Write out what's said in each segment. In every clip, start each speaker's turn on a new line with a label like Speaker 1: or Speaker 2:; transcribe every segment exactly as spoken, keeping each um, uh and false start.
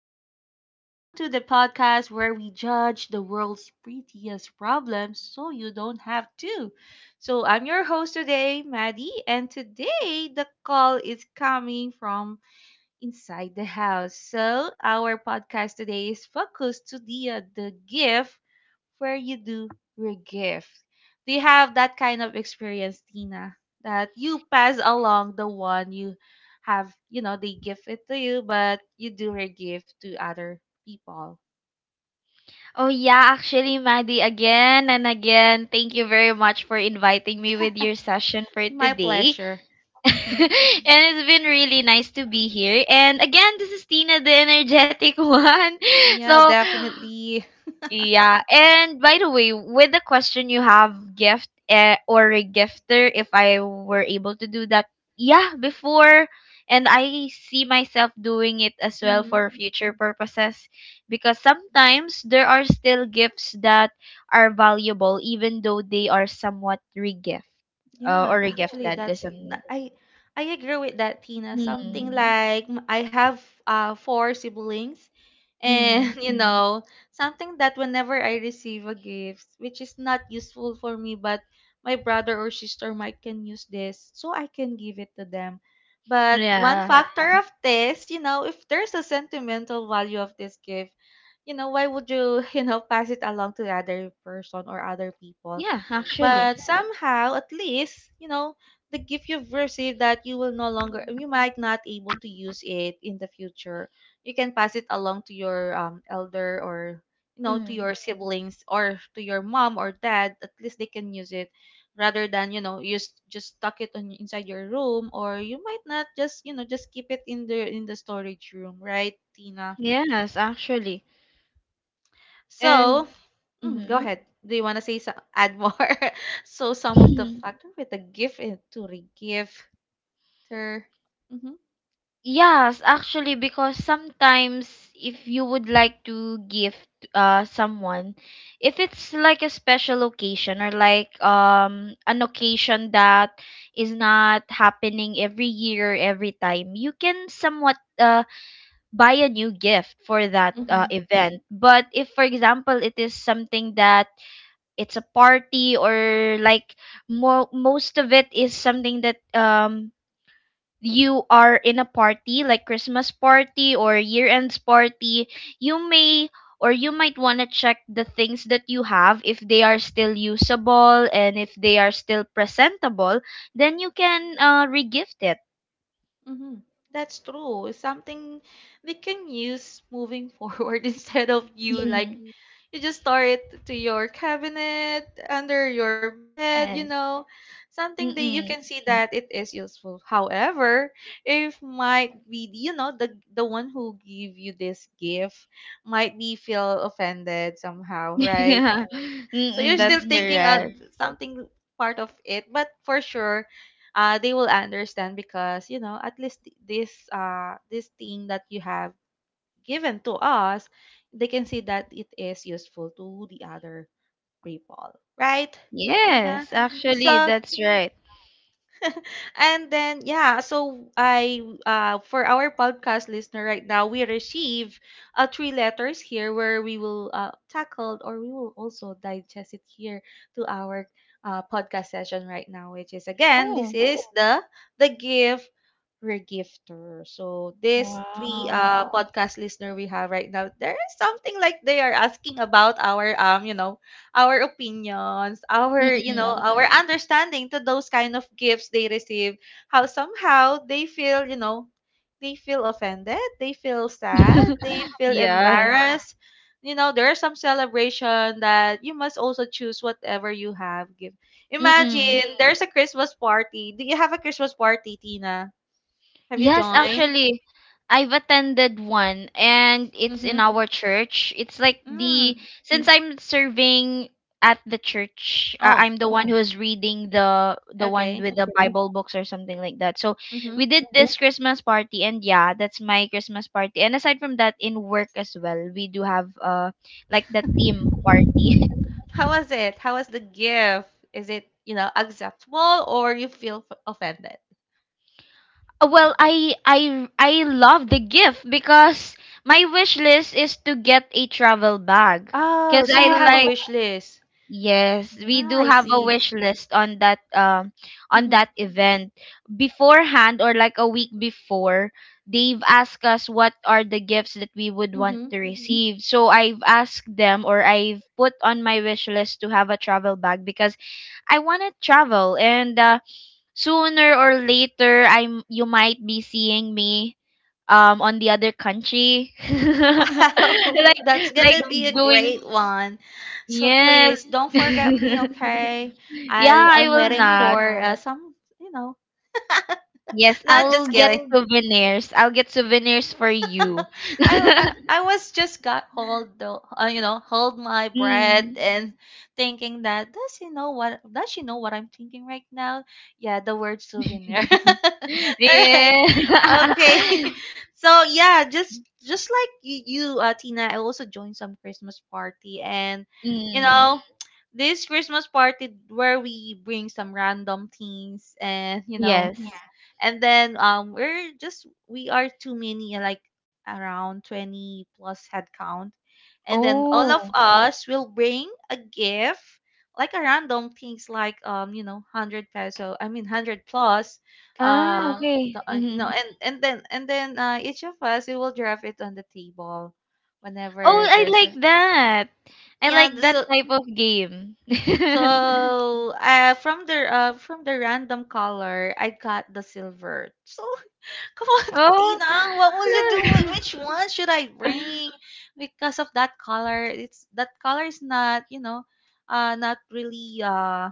Speaker 1: Tina. Welcome to the podcast where we judge the world's prettiest problems so you don't have to. So, I'm your host today, Maddie, and today the call is coming from inside the house. So, our podcast today is focused to the, uh, the gift where you do your gift. Do you have that kind of experience, Tina? That you pass along the one you have, you know, they give it to you, but you do your gift to other people.
Speaker 2: Oh yeah, actually, Maddie, again and again, thank you very much for inviting me with your session for
Speaker 1: My
Speaker 2: today.
Speaker 1: pleasure.
Speaker 2: And
Speaker 1: Mm-hmm.
Speaker 2: it's been really nice to be here. And again, this is Tina, the energetic one.
Speaker 1: Yeah,
Speaker 2: So
Speaker 1: definitely.
Speaker 2: yeah, and by the way, with the question you have gift eh, or a gifter, if I were able to do that, yeah, before, and I see myself doing it as well
Speaker 1: Mm-hmm.
Speaker 2: for future purposes, because sometimes there are still gifts that are valuable, even though they are somewhat regift uh,
Speaker 1: Yeah,
Speaker 2: or
Speaker 1: actually, like
Speaker 2: regifted or
Speaker 1: that's tha-
Speaker 2: something.
Speaker 1: I I agree with that, Tina. Something
Speaker 2: Hmm.
Speaker 1: like m- I have uh four siblings, and
Speaker 2: Mm.
Speaker 1: you mm, know, something that whenever I receive a gift, which is not useful for me, but my brother or sister might can use this, so I can give it to them. But one
Speaker 2: Yeah.
Speaker 1: factor, yeah, of this, you know, if there's a sentimental value of this gift, you know, why would you, you know, pass it along to the other person or other people?
Speaker 2: Yeah. Actually.
Speaker 1: But somehow, at least, you know, they give you version that you will no longer, you might not able to use it in the future. You can pass it along to your um, elder or, you know, to
Speaker 2: Mm.
Speaker 1: your siblings or to your mom or dad. At least they can use it rather than, you know, just just tuck it on inside your room, or you might not just, you know, just keep it in the in the storage room, right, Tina?
Speaker 2: Yes, actually.
Speaker 1: So,
Speaker 2: And
Speaker 1: mm, go
Speaker 2: Mm-hmm.
Speaker 1: ahead. Do you want to say so- add more? so some of the factor with the gift and to re-gift. Mm-hmm.
Speaker 2: Yes, actually, because sometimes if you would like to gift uh someone, if it's like a special occasion or like um an occasion that is not happening every year, every time, you can somewhat uh buy a new gift for that
Speaker 1: Mm-hmm.
Speaker 2: uh, event. But if, for example, it is something that it's a party or like mo- most of it is something that um you are in a party like Christmas party or year ends party, you may or you might want to check the things that you have if they are still usable and if they are still presentable, then you can uh, regift it.
Speaker 1: Mhm. That's true. It's something they can use moving forward instead of you like
Speaker 2: Mhm.
Speaker 1: you just store it to your cabinet, under your
Speaker 2: Yes.
Speaker 1: bed, you know, something that
Speaker 2: Mm-mm.
Speaker 1: you can see that it is useful. However, if might be, you know, the the one who give you this gift might be feel offended somehow, right?
Speaker 2: Yeah.
Speaker 1: So
Speaker 2: Mm-mm,
Speaker 1: you're
Speaker 2: that's
Speaker 1: still thinking of
Speaker 2: correct.
Speaker 1: Mm-mm-mm. Something part of it, but for sure, uh, they will understand because you know at least th- this uh this thing that you have given to us, they can see that it is useful to the other people, right, Tina?
Speaker 2: Yes, actually,
Speaker 1: So
Speaker 2: that's right.
Speaker 1: and then, yeah, so I uh for our podcast listener right now, we receive uh three letters here where we will uh tackle, or we will also digest it here to our uh podcast session right now, which is again this
Speaker 2: Oh.
Speaker 1: is the the gift regifter. So these three
Speaker 2: Wow.
Speaker 1: uh podcast listener we have right now, there is something like they are asking about our um you know our opinions, our, you know,
Speaker 2: Mm-mm.
Speaker 1: our understanding to those kind of gifts they receive, how somehow they feel, you know, they feel offended, they feel sad, they feel
Speaker 2: Yes.
Speaker 1: embarrassed. You know, there is some celebration that you must also choose whatever you have give.
Speaker 2: Mm-mm.
Speaker 1: Imagine there's a Christmas party. Do you have a Christmas party, Tina? Have you
Speaker 2: Yes,
Speaker 1: joined?
Speaker 2: actually, I've attended one and it's in
Speaker 1: Mm-hmm.
Speaker 2: our church. It's like
Speaker 1: Mm.
Speaker 2: the Since I'm serving at the church, uh,
Speaker 1: Oh,
Speaker 2: I'm the one who is reading the the one
Speaker 1: okay.
Speaker 2: with the, okay, Bible books or something like that. So,
Speaker 1: Mm-hmm.
Speaker 2: we did, okay, this Christmas party, and yeah, that's my Christmas party. And aside from that, in work as well, we do have uh like the team party.
Speaker 1: How was it? How was the gift? Is it, you know, acceptable, or you feel f- offended?
Speaker 2: Uh, Well, I I I love the gift because my wish list is to get a travel bag
Speaker 1: Oh,
Speaker 2: because
Speaker 1: so
Speaker 2: I,
Speaker 1: you
Speaker 2: wow,
Speaker 1: have a
Speaker 2: like
Speaker 1: wish list.
Speaker 2: yes, we
Speaker 1: Yeah,
Speaker 2: do
Speaker 1: I
Speaker 2: have a
Speaker 1: see.
Speaker 2: wish list on that um on
Speaker 1: Mm-hmm.
Speaker 2: that event beforehand or like a week before they've asked us what are the gifts that we would want
Speaker 1: Mm-hmm.
Speaker 2: to, mhm, receive. So I've asked them or I've put on my wish list to have a travel bag because I want to travel and uh, sooner or later I am you might be seeing me um on the other country.
Speaker 1: Wow,
Speaker 2: like
Speaker 1: that's
Speaker 2: like
Speaker 1: gonna be a
Speaker 2: doing
Speaker 1: great one. So
Speaker 2: yes.
Speaker 1: please don't forget me, okay? I
Speaker 2: Yeah, I
Speaker 1: am
Speaker 2: will
Speaker 1: waiting
Speaker 2: not.
Speaker 1: for uh, some, you know,
Speaker 2: Yes,
Speaker 1: not just
Speaker 2: I'll get
Speaker 1: kidding.
Speaker 2: souvenirs. I'll get souvenirs for you.
Speaker 1: I, I I was just got hold the uh, you know hold my breath
Speaker 2: Mm.
Speaker 1: and thinking that, does she know what does she know what I'm thinking right now? Yeah, the word souvenir. All right,
Speaker 2: Yeah.
Speaker 1: okay. So yeah, just just like you, you uh, Tina, I also joined some Christmas party, and you
Speaker 2: Mm.
Speaker 1: know this Christmas party where we bring some random things, and you know
Speaker 2: Yes.
Speaker 1: and then um we're just we are too many, uh, like around twenty plus headcount, and then all of
Speaker 2: Oh.
Speaker 1: us will bring a gift, like a random things like um you know one hundred peso, I mean one hundred plus,
Speaker 2: Ah,
Speaker 1: um the-
Speaker 2: okay.
Speaker 1: uh, you know
Speaker 2: Hmm.
Speaker 1: and and then and then uh, each of us we will drop it on the table
Speaker 2: Oh,
Speaker 1: whenever
Speaker 2: I
Speaker 1: there's
Speaker 2: like
Speaker 1: a,
Speaker 2: that. I
Speaker 1: yeah,
Speaker 2: like
Speaker 1: th-
Speaker 2: that
Speaker 1: so
Speaker 2: type of game.
Speaker 1: so uh from the uh from the random color I got the silver. So come on,
Speaker 2: Oh.
Speaker 1: Tina. What will you do? with- Which one should I bring? Because of that color, it's that color is not, you know, uh, not really uh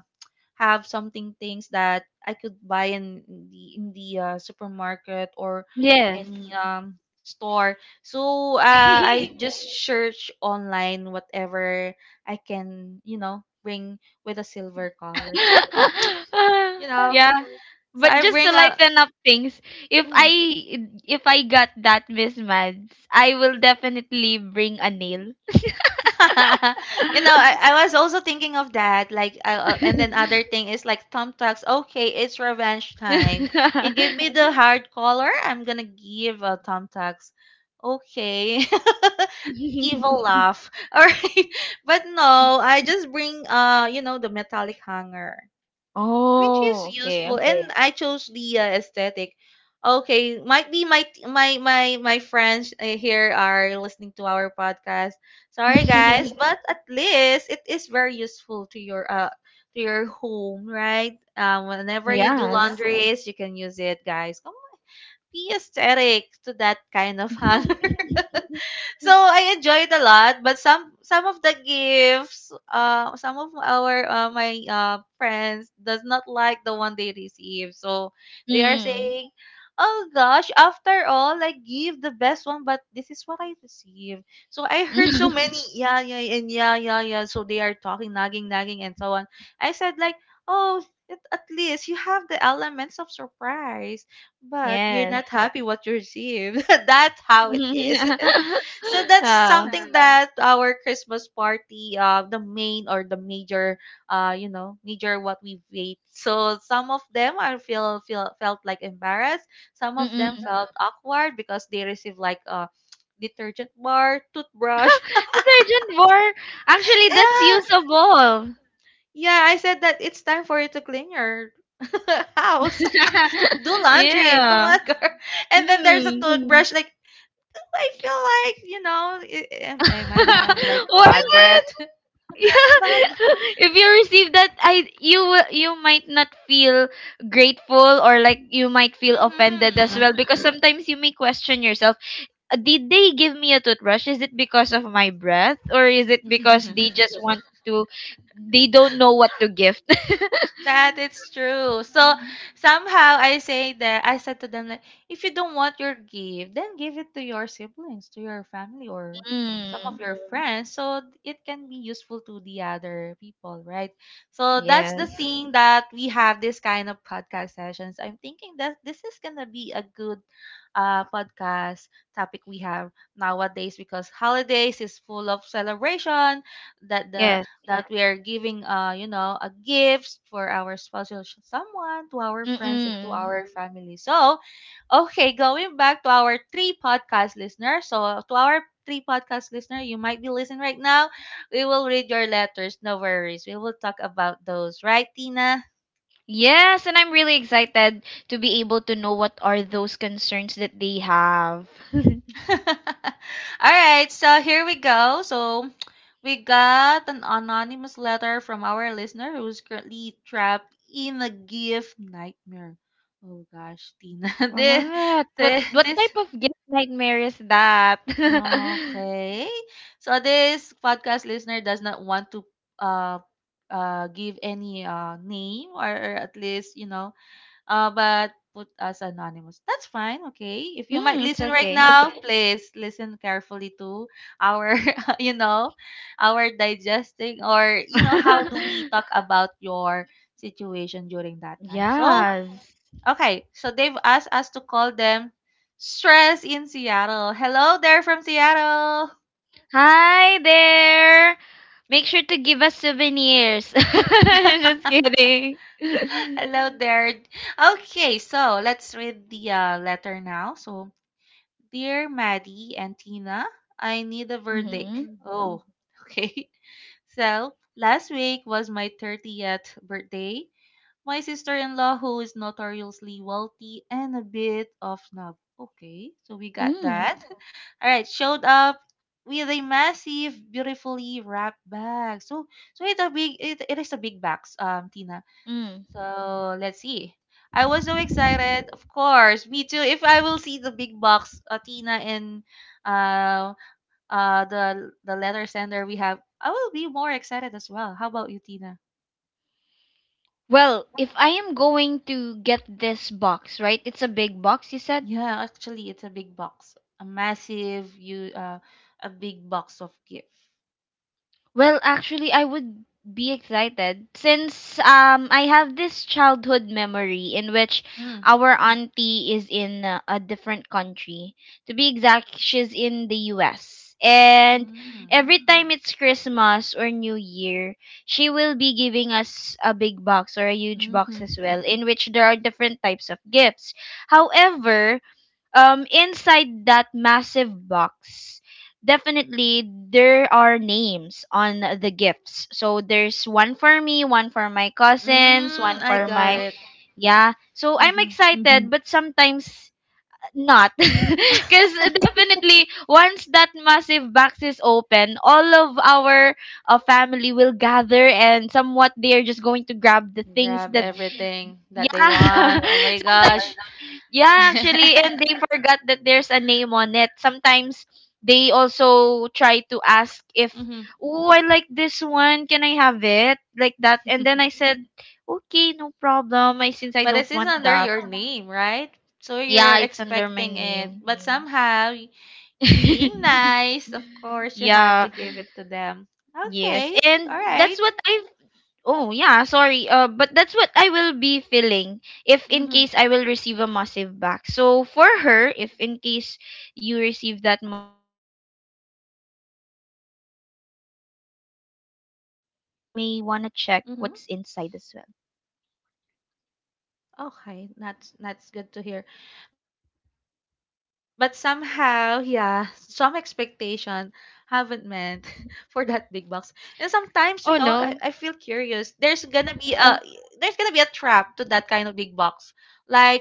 Speaker 1: have something things that I could buy in the in the uh, supermarket or
Speaker 2: Yes.
Speaker 1: any Mm-hmm. um store. So uh, I just search online whatever I can, you know, bring with a silver color. So
Speaker 2: Ah,
Speaker 1: you know,
Speaker 2: yeah,
Speaker 1: so
Speaker 2: but
Speaker 1: I
Speaker 2: just to
Speaker 1: bring a.
Speaker 2: lighten up things, if I
Speaker 1: mm,
Speaker 2: if I got that Miss Mads, I will definitely bring a nail.
Speaker 1: you know, I, I was also thinking of that. Like, uh, uh, and then other thing is like thumbtacks. Okay, it's revenge time. You give me the hard collar, I'm gonna give a thumbtacks. Okay, evil laugh. All right, but no, I just bring uh, you know, the metallic hanger, which is
Speaker 2: Oh, okay.
Speaker 1: useful, and I chose the uh, aesthetic. Okay, might be my my my my friends uh, here are listening to our podcast. Sorry guys, but at least it is very useful to your uh to your home, right? um whenever you do
Speaker 2: Yes.
Speaker 1: laundries, you can use it. Guys, come on, be aesthetic to that kind of house. So I enjoyed a lot, but some some of the gifts, uh, some of our uh, my uh, friends does not like the one they receive. So they are
Speaker 2: Mm.
Speaker 1: saying, "Oh gosh, after all, I give the best one, but this is what I receive." So I heard so many, yeah, yeah, and yeah, yeah, yeah. So they are talking, nagging, nagging, and so on. I said like, "Oh." At at least you have the elements of surprise, but you're not
Speaker 2: Yes.
Speaker 1: happy what you received. That's how it is. So that's
Speaker 2: Ah.
Speaker 1: something that our Christmas party, uh, the main or the major, uh, you know, major what we ate. So some of them, I feel feel felt like embarrassed. Some of them
Speaker 2: Mm-mm.
Speaker 1: felt awkward because they received like a detergent bar, toothbrush.
Speaker 2: Detergent bar. Actually, that's
Speaker 1: Yeah,
Speaker 2: usable.
Speaker 1: yeah. I said that it's time for you to clean your house. Do laundry. Come
Speaker 2: Yeah.
Speaker 1: on, girl. And then there's a Mm.
Speaker 2: Hmm.
Speaker 1: toothbrush. Like, I feel like, you know, I- am, am I might have like
Speaker 2: What?
Speaker 1: bad breath?
Speaker 2: Yeah.
Speaker 1: bad.
Speaker 2: If you receive that, I you will- you might not feel grateful or like you might feel offended as well because sometimes you may question yourself. "Uh, Did they give me a toothbrush? Is it because of my breath or is it because they just
Speaker 1: Mm-hmm.
Speaker 2: want to? They don't know what to gift."
Speaker 1: That is true. So somehow, I say that I said to them like, if you don't want your gift, then give it to your siblings, to your family, or some of
Speaker 2: Mm.
Speaker 1: your mm friends, so it can be useful to the other people, right? So that's the
Speaker 2: Yes.
Speaker 1: thing that we have this kind of podcast sessions. I'm thinking that this is gonna be a good uh podcast topic we have nowadays, because holidays is full of celebration that the that we are giving, uh you know a gift for our spouse, or someone, to our friends and to
Speaker 2: Mm-mm.
Speaker 1: our family. So okay, going back to our three podcast listeners. So to our three podcast listener, you might be listening right now, we will read your letters, no worries, we will talk about those, right, Tina?
Speaker 2: Yes, and I'm really excited to be able to know what are those concerns that they have.
Speaker 1: All right, so here we go. So we got an anonymous letter from our listener who's currently trapped in a gift nightmare. Oh gosh, Tina. This,
Speaker 2: What?
Speaker 1: this,
Speaker 2: What what
Speaker 1: this
Speaker 2: type of gift nightmare is that?
Speaker 1: okay. So this podcast listener does not want to uh uh give any uh name, or, or at least, you know, uh, but put as anonymous. That's fine, okay? If you might
Speaker 2: Mm, it's
Speaker 1: listen right
Speaker 2: okay.
Speaker 1: now, please listen carefully to our, you know, our digesting, or, you know, how do we talk about your situation during that time. So,
Speaker 2: Yes.
Speaker 1: okay, so they've asked us to call them Stress in Seattle. Hello there from Seattle.
Speaker 2: Hi there. Make sure to give us souvenirs. Just kidding.
Speaker 1: Hello there. Okay, so let's read the uh, letter now. So, dear Maddie and Tina, I need a verdict.
Speaker 2: Mm-hmm.
Speaker 1: Oh, okay. So, last week was my thirtieth birthday. My sister in law, who is notoriously wealthy and a bit of snob. Okay, so we got
Speaker 2: Mm.
Speaker 1: that. All right, showed up with a massive, beautifully wrapped bag. So, so it's a big, it, it is a big box, um, Tina.
Speaker 2: Mm.
Speaker 1: So let's see. I was so excited. Of course, me too. If I will see the big box, uh, Tina, and uh, uh, the the letter sender we have, I will be more excited as well. How about you, Tina?
Speaker 2: Well, if I am going to get this box, right? It's a big box, you said?
Speaker 1: Yeah, actually, it's a big box, a massive you uh, a big box of gift.
Speaker 2: Well, actually, I would be excited since um I have this childhood memory in which
Speaker 1: Mm.
Speaker 2: our auntie is in uh, a different country. To be exact, she's in the U S. And
Speaker 1: Mm.
Speaker 2: every time it's Christmas or New Year, she will be giving us a big box or a huge box
Speaker 1: Mm-hmm.
Speaker 2: as well in which there are different types of gifts. However, um inside that massive box, definitely there are names on the gifts, so there's one for me, one for my cousins, one
Speaker 1: Mm, I
Speaker 2: for
Speaker 1: got
Speaker 2: my,
Speaker 1: it.
Speaker 2: yeah, so I'm
Speaker 1: Mm-hmm.
Speaker 2: excited. Hmm, but sometimes not. Because definitely once that massive box is open, all of our uh, family will gather and somewhat they're just going to grab the things
Speaker 1: Grab
Speaker 2: that,
Speaker 1: everything that they
Speaker 2: yeah.
Speaker 1: want. Oh my
Speaker 2: Sometimes,
Speaker 1: gosh.
Speaker 2: yeah, actually, and they forgot that there's a name on it. Sometimes they also try to ask if,
Speaker 1: mm-hmm.
Speaker 2: oh, I like this one, can I have it? Like that. And then I said, okay, no problem. I since I
Speaker 1: But
Speaker 2: don't
Speaker 1: it is
Speaker 2: want
Speaker 1: under
Speaker 2: that.
Speaker 1: your name, right? So you're
Speaker 2: Yeah, it's under my
Speaker 1: expecting it.
Speaker 2: name.
Speaker 1: But yeah. Somehow, y- being nice, of course, you have
Speaker 2: Yeah,
Speaker 1: to give yeah. it to them.
Speaker 2: yes.
Speaker 1: Okay.
Speaker 2: And
Speaker 1: All
Speaker 2: that's
Speaker 1: right.
Speaker 2: what I have. Oh yeah, sorry. Uh, but that's what I will be feeling if in case I will receive a massive back. So for her, if in case you receive that massive backs, definitely you may wanna check what's
Speaker 1: Mm-hmm.
Speaker 2: inside as well.
Speaker 1: Okay, that's that's good to hear. But somehow, yeah, some expectation haven't meant for that big box. And sometimes, you know, I, I feel curious.
Speaker 2: Oh
Speaker 1: There's gonna
Speaker 2: no.
Speaker 1: be a there's gonna be a trap to that kind of big box, like what we have, like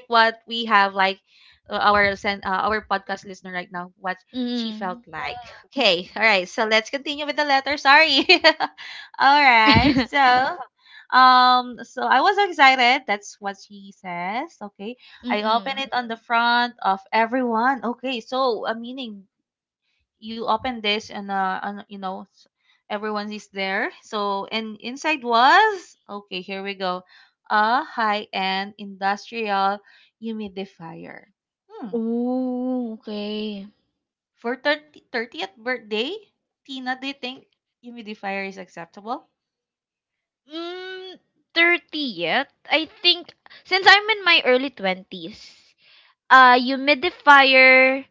Speaker 1: uh, our sen- uh, our podcast listener right now, what she felt like.
Speaker 2: Mm.
Speaker 1: Okay, all right. So let's continue with the letter. Sorry. all right. So. Um, so I was excited. That's what she says. Okay. I open
Speaker 2: Mm-mm.
Speaker 1: it on the front of everyone. Okay. So, uh, meaning you open this and, uh, on, you know, s- everyone is there. So, and inside was, okay, here we go. A high-end industrial humidifier. Hmm.
Speaker 2: Oh, okay.
Speaker 1: For thirty thirtieth birthday, Tina, do you think humidifier is acceptable?
Speaker 2: Mm, thirty yet? I think since I'm in my early twenties, uh humidifier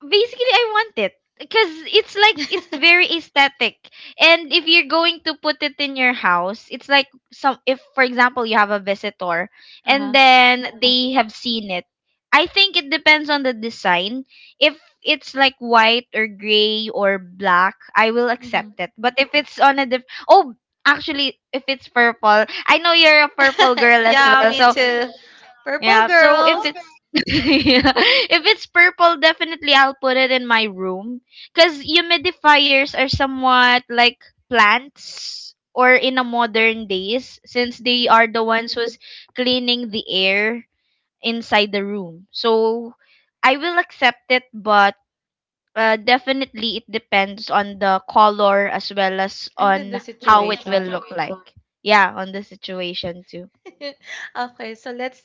Speaker 2: basically I want it because it's like it's very aesthetic, and if you're going to put it in your house it's like some, if for example you have a visitor and
Speaker 1: Uh-huh.
Speaker 2: then they have seen it, I think it depends on the design. If it's like white or gray or black I will accept it, but if it's on a diff- oh, actually if it's purple, I know you're a purple girl as
Speaker 1: yeah,
Speaker 2: well,
Speaker 1: me
Speaker 2: so
Speaker 1: too. Purple
Speaker 2: yeah. So if,
Speaker 1: girls.
Speaker 2: okay, it's yeah, if it's purple, definitely I'll put it in my room because humidifiers are somewhat like plants or in a modern days since they are the ones who's cleaning the air inside the room. So I will accept it, but uh, definitely it depends on the color as well as
Speaker 1: And then the
Speaker 2: on how it will
Speaker 1: situation.
Speaker 2: look like. Yeah, on the situation too.
Speaker 1: okay, so let's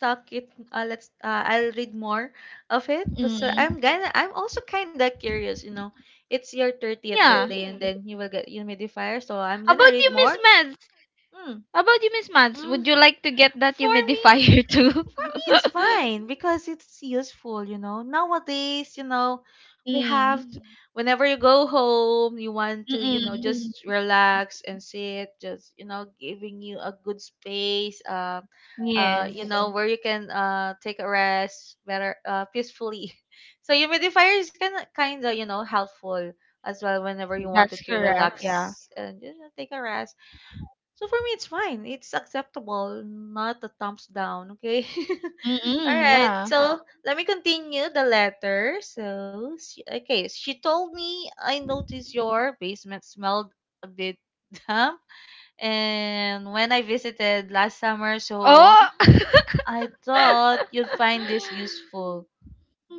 Speaker 1: talk it. Uh, let's. Uh, I'll read more of it. But so
Speaker 2: Mm.
Speaker 1: I'm gonna. I'm also kind of curious. You know, it's your thirtieth
Speaker 2: Yeah.
Speaker 1: birthday, and then you will get humidifier. So I'm
Speaker 2: How
Speaker 1: gonna
Speaker 2: about
Speaker 1: read
Speaker 2: you, Miss
Speaker 1: more.
Speaker 2: Meds?
Speaker 1: Mm,
Speaker 2: How about you, Miss Mads?
Speaker 1: mm.
Speaker 2: Would you like to get that
Speaker 1: For me,
Speaker 2: humidifier too?
Speaker 1: For me, it's fine because it's useful, you know. Nowadays, you know, we have to,
Speaker 2: Mm.
Speaker 1: whenever you go home, you want to, you know,
Speaker 2: Mm-mm.
Speaker 1: just relax and sit, just, you know, giving you a good space, uh, uh, you know, where you
Speaker 2: Yes.
Speaker 1: can uh take a rest better, uh, peacefully. So humidifier is kind of, kind of, you know, helpful as well whenever you wanted to
Speaker 2: That's
Speaker 1: relax
Speaker 2: correct.
Speaker 1: and you
Speaker 2: Yeah.
Speaker 1: know, take a rest. So for me, it's fine. It's acceptable, not a thumbs down. Okay. All right, so
Speaker 2: Mm-mm.
Speaker 1: let me
Speaker 2: Yeah.
Speaker 1: continue the letter. So, she, okay, she told me I noticed your basement smelled a bit damp, and when I
Speaker 2: Oh.
Speaker 1: visited last summer, so I thought you'd find this useful.
Speaker 2: Mm.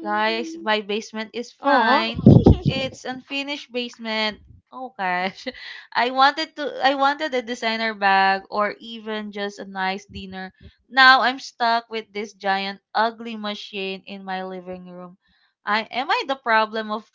Speaker 1: Guys, my basement is
Speaker 2: Oh.
Speaker 1: fine. It's unfinished basement. Oh gosh. I wanted to I wanted a designer bag or even just a nice dinner. Now I'm stuck with this giant ugly machine in my living room. I am I the problem of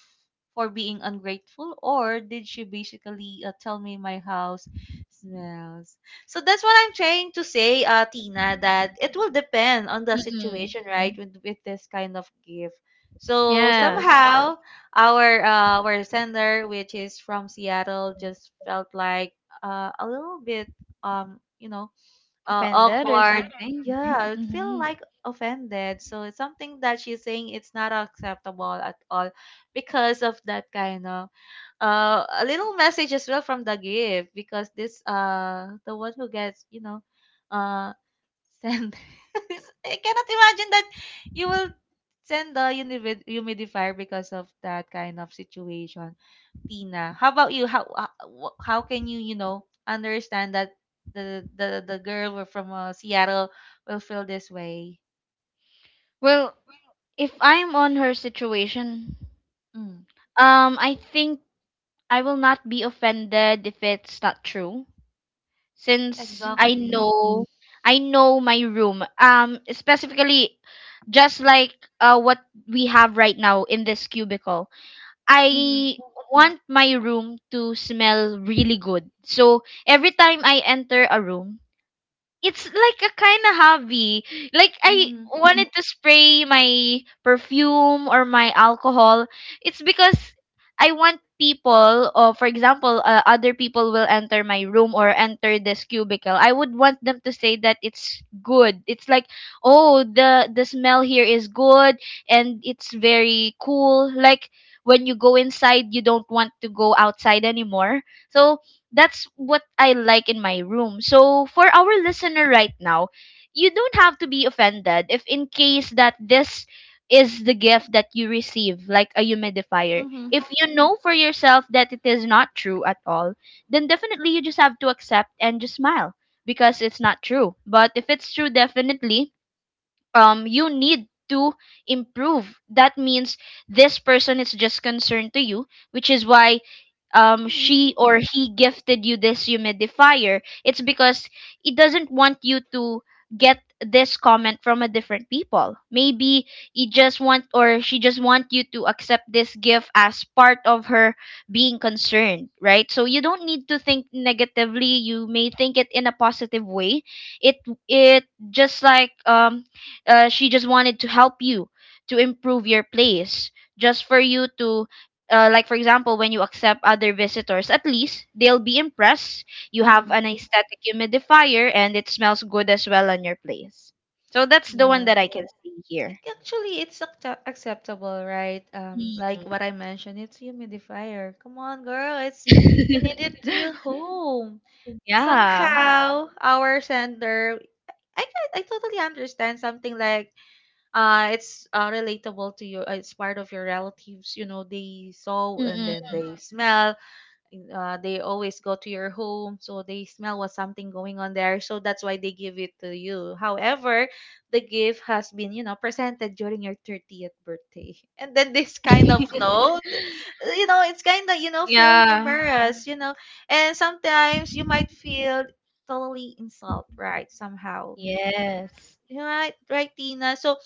Speaker 1: for being ungrateful, or did she basically uh, tell me my house smells? So that's what I'm trying to say, uh, Tina, that it will depend on the
Speaker 2: Mm-mm.
Speaker 1: situation, right? With with this kind of gift. So Wow.
Speaker 2: Yes.
Speaker 1: somehow our uh, our sender, which is from Seattle, just felt like uh, a little bit um you know uh,
Speaker 2: Offended or
Speaker 1: awkward.
Speaker 2: something.
Speaker 1: Yeah, it feel
Speaker 2: Mm-hmm.
Speaker 1: like offended. So it's something that she's saying it's not acceptable at all because of that kind of uh a little message as well from the gift because this uh the one who gets you know uh, Send. I cannot imagine that you will send the humid- humidifier because of that kind of situation. Tina, how about you? How uh, wh- how can you you know understand that the the the girl were from uh, Seattle will feel this way?
Speaker 2: Well, if I'm on her situation,
Speaker 1: Mm,
Speaker 2: um, I think I will not be offended if it's not true. Since I
Speaker 1: exactly.
Speaker 2: know I know my room. Um, specifically, just like uh, what we have right now in this cubicle.
Speaker 1: Mhm.
Speaker 2: I want my room to smell really good. So every time I enter a room, it's like a kind of hobby. Like I
Speaker 1: Mhm.
Speaker 2: wanted to spray my perfume or my alcohol. It's because I want people, or for example, uh, other people will enter my room or enter this cubicle. I would want them to say that it's good. It's like, oh, the the smell here is good and it's very cool. Like when you go inside, you don't want to go outside anymore. So that's what I like in my room. So for our listener right now, you don't have to be offended if in case that this is the gift that you receive, like a humidifier.
Speaker 1: Mhm.
Speaker 2: If you know for yourself that it is not true at all, then definitely you just have to accept and just smile because it's not true. But if it's true, definitely um you need to improve. That means this person is just concerned to you, which is why um
Speaker 1: Mhm.
Speaker 2: she or he gifted you this humidifier. It's because it doesn't want you to get this comment from a different people. Maybe he just want or she just want you to accept this gift as part of her being concerned, right? So you don't need to think negatively, you may think it in a positive way. It it just like um uh, she just wanted to help you to improve your place, just for you to uh, like for example when you accept other visitors, at least they'll be impressed you have
Speaker 1: Mhm.
Speaker 2: an aesthetic humidifier and it smells good as well on your place. So that's the one
Speaker 1: Yeah.
Speaker 2: that I can see here.
Speaker 1: Ac- Actually, it's acta- acceptable, right? Um,
Speaker 2: Mm.
Speaker 1: like what I mentioned, it's humidifier. Come on, girl, it's you need it to your home.
Speaker 2: Yeah.
Speaker 1: Somehow, our sender, I can, I totally understand something like uh, it's uh, relatable to you. uh, It's part of your relatives, you know, they saw and then
Speaker 2: Mm-mm.
Speaker 1: they smell uh, they always go to your home so they smell what's something going on there so that's why they give it to you. However, the gift has been you know presented during your thirtieth birthday, and then this kind of no th- you know it's kind of you know feeling
Speaker 2: Yeah,
Speaker 1: embarrassed you know and sometimes you might feel totally insult, right, somehow.
Speaker 2: yes.
Speaker 1: Right, right, Tina. So,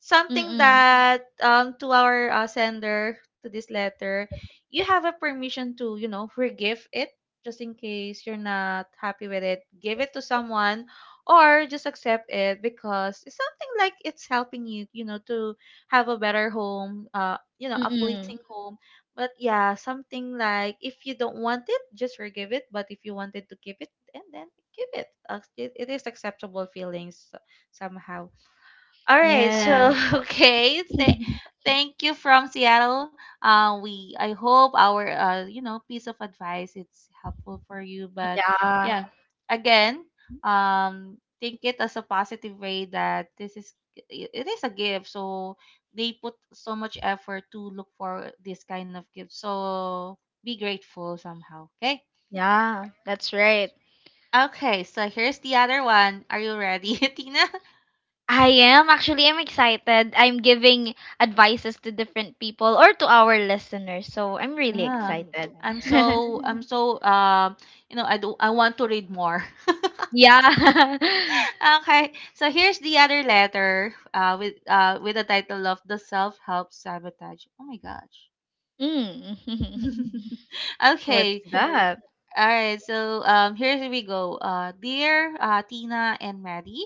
Speaker 1: something
Speaker 2: Mm-mm.
Speaker 1: that um to our uh, sender to this letter, you have a permission to you know forgive it just in case you're not happy with it. Give it to someone, or just accept it because it's something like it's helping you you know to have a better home. Uh, you know, a pleasing
Speaker 2: Mm-mm.
Speaker 1: home. But yeah, something like if you don't want it, just forgive it. But if you wanted to keep it, and then give it. Uh, It it is acceptable feelings somehow. All right,
Speaker 2: Yeah.
Speaker 1: so okay, th- thank you from Seattle. Uh, we I hope our uh, you know piece of advice it's helpful for you. But
Speaker 2: Yeah,
Speaker 1: yeah, again, um, think it as a positive way that this is i- it is a gift. So they put so much effort to look for this kind of gift. So be grateful somehow. Okay.
Speaker 2: yeah, that's right.
Speaker 1: Okay, so here's the other one. Are you ready, Tina?
Speaker 2: I am Actually, I'm excited. I'm giving advices to different people or to our listeners. So I'm really
Speaker 1: Yeah.
Speaker 2: excited.
Speaker 1: am so I'm so um you know I do I want to read more.
Speaker 2: Yeah.
Speaker 1: okay. So here's the other letter uh with uh with the title of The Self-Help Sabotage. Oh my gosh.
Speaker 2: Mm. What's
Speaker 1: okay.
Speaker 2: that?
Speaker 1: All right. So um here we go. Uh dear uh Tina and Maddie,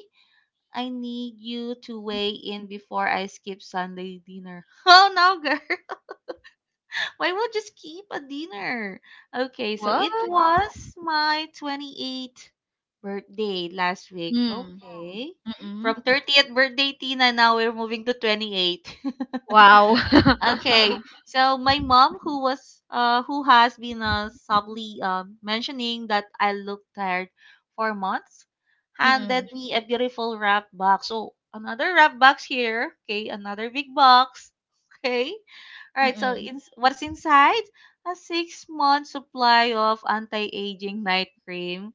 Speaker 1: I need you to weigh in before I skip Sunday dinner. Oh no, girl. Why not just keep a dinner? Okay, so
Speaker 2: What?
Speaker 1: it was my twenty-eighth birthday last week.
Speaker 2: Mm.
Speaker 1: Okay.
Speaker 2: Mm-mm.
Speaker 1: From thirtieth birthday, Tina, now we're moving to twenty-eight.
Speaker 2: Wow.
Speaker 1: Okay, so my mom, who was, uh, who has been uh, subtly um, mentioning that I look tired for months,
Speaker 2: Mm-mm.
Speaker 1: handed me a beautiful wrap box. So another wrap box here. Okay, another big box. Okay, all right, so
Speaker 2: Mm-mm.
Speaker 1: ins what's inside? A six-month supply of anti-aging night cream,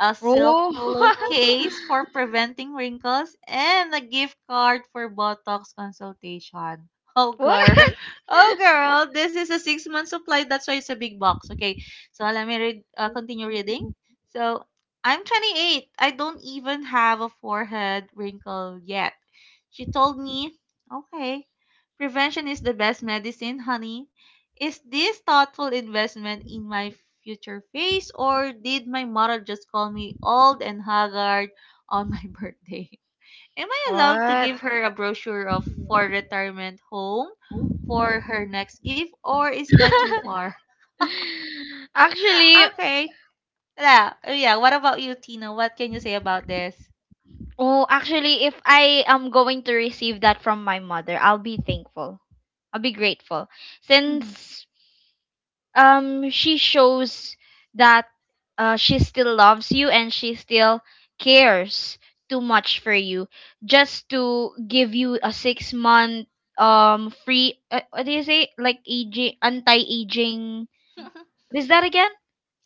Speaker 1: a silk
Speaker 2: Oh.
Speaker 1: pillowcase for preventing wrinkles, and a gift card for Botox consultation. Oh
Speaker 2: What?
Speaker 1: girl, oh girl, this is a six-month supply. That's why it's a big box. Okay, so let me read. Uh, continue reading. So I'm twenty-eight. I don't even have a forehead wrinkle yet. She told me, okay, prevention is the best medicine, honey. Is this thoughtful investment in my future face, or did my mother just call me old and haggard on my birthday? Am I allowed to
Speaker 2: What?
Speaker 1: give her a brochure of for retirement home for her next gift, or is that too far?
Speaker 2: Actually,
Speaker 1: okay. Yeah, yeah. What about you, Tina? What can you say about this?
Speaker 2: Oh, actually, if I am going to receive that from my mother, I'll be thankful. I'll be grateful since um she shows that uh she still loves you, and she still cares too much for you just to give you a six month um free uh, what do you say, like aging, anti-aging. What is that again?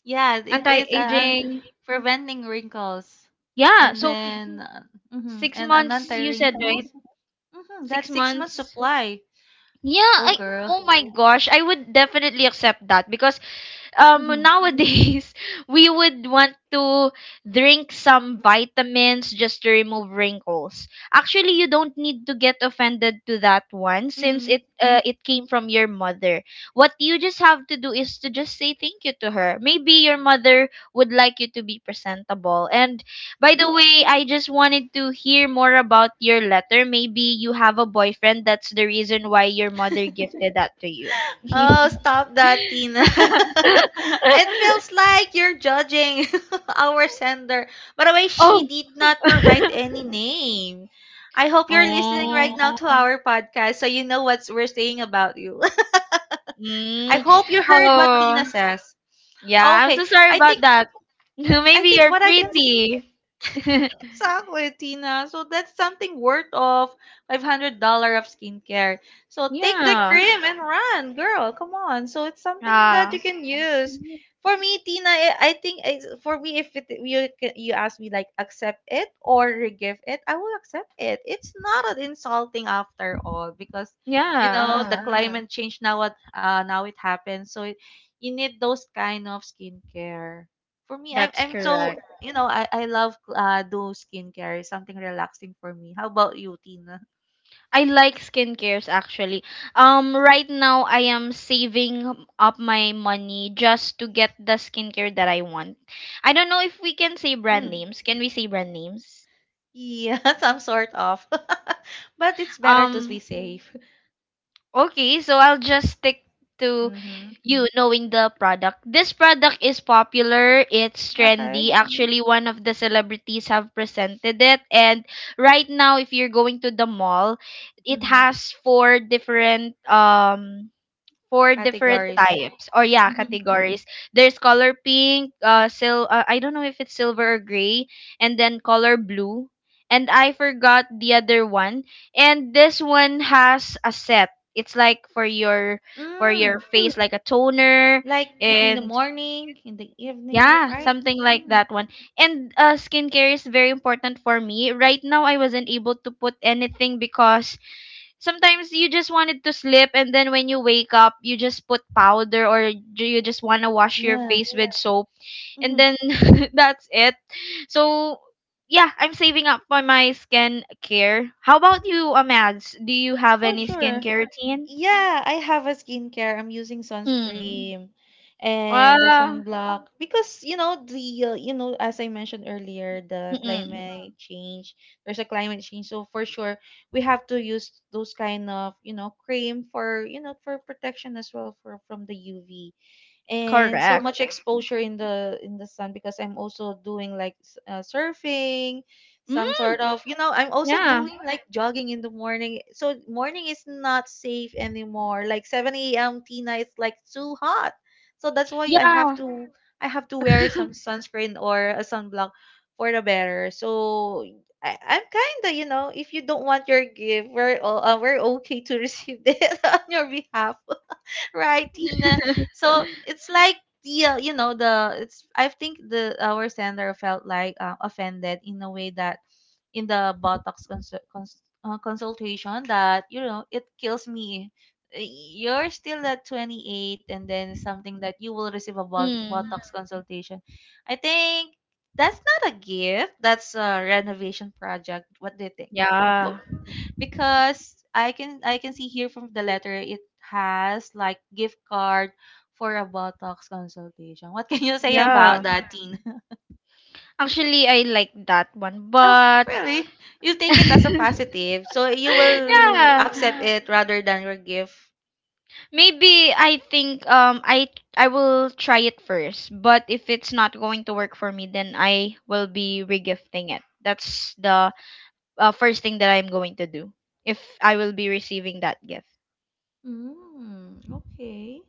Speaker 1: Yes, it is uh,
Speaker 2: Anti-aging.
Speaker 1: preventing wrinkles.
Speaker 2: Yeah,
Speaker 1: And
Speaker 2: so
Speaker 1: then, yeah. uh, mhm,
Speaker 2: six
Speaker 1: and an
Speaker 2: months, you said, right?
Speaker 1: anti-wrinkles. Hmm,
Speaker 2: six
Speaker 1: that's six months
Speaker 2: months.
Speaker 1: supply.
Speaker 2: Yeah,
Speaker 1: Oh,
Speaker 2: I
Speaker 1: girl.
Speaker 2: oh my gosh, I would definitely accept that because um
Speaker 1: Hmm.
Speaker 2: nowadays we would want to drink some vitamins just to remove wrinkles. Actually, you don't need to get offended to that one since
Speaker 1: Hmm.
Speaker 2: it uh, it came from your mother. What you just have to do is to just say thank you to her. Maybe your mother would like you to be presentable. And by the way, I just wanted to hear more about your letter. Maybe you have a boyfriend, that's the reason why your mother gifted that to you.
Speaker 1: Oh, stop that, Tina. it feels like you're judging our sender. By the way, she
Speaker 2: Oh,
Speaker 1: did not provide any name. I hope you're listening right
Speaker 2: oh,
Speaker 1: now to Oh. our podcast so you know what we're saying about you. I
Speaker 2: mm.
Speaker 1: hope you heard what
Speaker 2: Oh,
Speaker 1: Tina says.
Speaker 2: yeah. I'm
Speaker 1: Okay,
Speaker 2: so sorry
Speaker 1: I
Speaker 2: about
Speaker 1: think
Speaker 2: that.
Speaker 1: Mm, I
Speaker 2: Maybe
Speaker 1: think
Speaker 2: you're
Speaker 1: what I can s-
Speaker 2: pretty.
Speaker 1: exactly, Tina. So that's something worth of five hundred dollar of skincare. So take the
Speaker 2: Yeah.
Speaker 1: cream and run, girl. Come on. So it's something that
Speaker 2: Ah.
Speaker 1: you can use. For me, Tina, I I think it's, for me, if it, you ca- you ask me like accept it or give it, I will accept it. It's not an insulting after all because you know the
Speaker 2: Yeah, uh,
Speaker 1: climate change now what uh, now it happens. So it, you need those kind of skincare for me, I'm
Speaker 2: that's
Speaker 1: I'm so
Speaker 2: correct.
Speaker 1: correct. You know I I love uh do skincare, something relaxing for me. How about you, Tina?
Speaker 2: I like skincares, actually. Um, right now I am saving up my money just to get the skincare that I want. I don't know if we can say brand
Speaker 1: Hmm.
Speaker 2: names. Can we say brand names?
Speaker 1: Yeah, some sort of, but it's better to be
Speaker 2: Um,
Speaker 1: safe.
Speaker 2: okay, so I'll just stick to
Speaker 1: Mm-hmm.
Speaker 2: you knowing the product. This product is popular, it's
Speaker 1: Okay.
Speaker 2: trendy. Actually, one of the celebrities have presented it. And right now if you're going to the mall, it
Speaker 1: Mm-hmm.
Speaker 2: has four different um four different
Speaker 1: Categories.
Speaker 2: types, or yeah,
Speaker 1: Mm-hmm.
Speaker 2: categories. There's color pink, uh sil uh, I don't know if it's silver or gray, and then color blue, and I forgot the other one. And this one has a set, it's like for your for your
Speaker 1: Mm.
Speaker 2: face, like a toner.
Speaker 1: Like in the
Speaker 2: And
Speaker 1: morning, in the evening,
Speaker 2: yeah,
Speaker 1: right?
Speaker 2: something like that
Speaker 1: Mm.
Speaker 2: one. And uh skincare is very important for me. Right now I wasn't able to put anything because sometimes you just wanted to sleep, and then when you wake up you just put powder, or ju- you just want to wash your
Speaker 1: Yeah.
Speaker 2: face with soap, and
Speaker 1: Mm-hmm.
Speaker 2: then that's it. So yeah, I'm saving up for my skin care. How about you, Amads? Do you have
Speaker 1: For
Speaker 2: any
Speaker 1: sure.
Speaker 2: skincare routine?
Speaker 1: Yeah, I have a skincare. I'm using
Speaker 2: Mm.
Speaker 1: sunscreen and the
Speaker 2: Wow.
Speaker 1: sunblock because you know the uh, you know as I mentioned earlier the
Speaker 2: Mm-mm.
Speaker 1: climate change. There's a climate change, so for sure we have to use those kind of you know cream for you know for protection as well for from the U V and so
Speaker 2: Correct.
Speaker 1: much exposure in the in the sun because I'm also doing like s- uh, surfing, some
Speaker 2: Mm,
Speaker 1: sort of you know I'm also
Speaker 2: yeah.
Speaker 1: doing like jogging in the morning. So morning is not safe anymore. Like seven a m. Tina, it's like too hot. So that's why I have
Speaker 2: Yeah,
Speaker 1: to I have to wear some sunscreen or a sunblock for the better. So I, I'm kind of you know if you don't want your gift, we're o- uh, we're okay to receive it on your behalf right, Tina? So it's like the uh, you know the it's I think the our sender felt like uh, offended in a way that in the botox consul- cons- uh, consultation that you know it kills me Uh, you're still at twenty-eight and then something that you will receive a bot- botox
Speaker 2: mm.
Speaker 1: consultation. I think that's not a gift, that's a renovation project. What do you think the bo-
Speaker 2: Yeah.
Speaker 1: because I can I can see here from the letter it has like gift card for a botox consultation. What can you say about
Speaker 2: Yeah,
Speaker 1: that?
Speaker 2: actually I like that one,
Speaker 1: Oh,
Speaker 2: but
Speaker 1: really? You take it as a positive. So you will
Speaker 2: yeah,
Speaker 1: accept it rather than your gift.
Speaker 2: maybe I think um I I will try it first, but if it's not going to work for me, then I will be regifting it. That's the uh, first thing that I'm going to do if I will be receiving that gift.
Speaker 1: Mm, okay.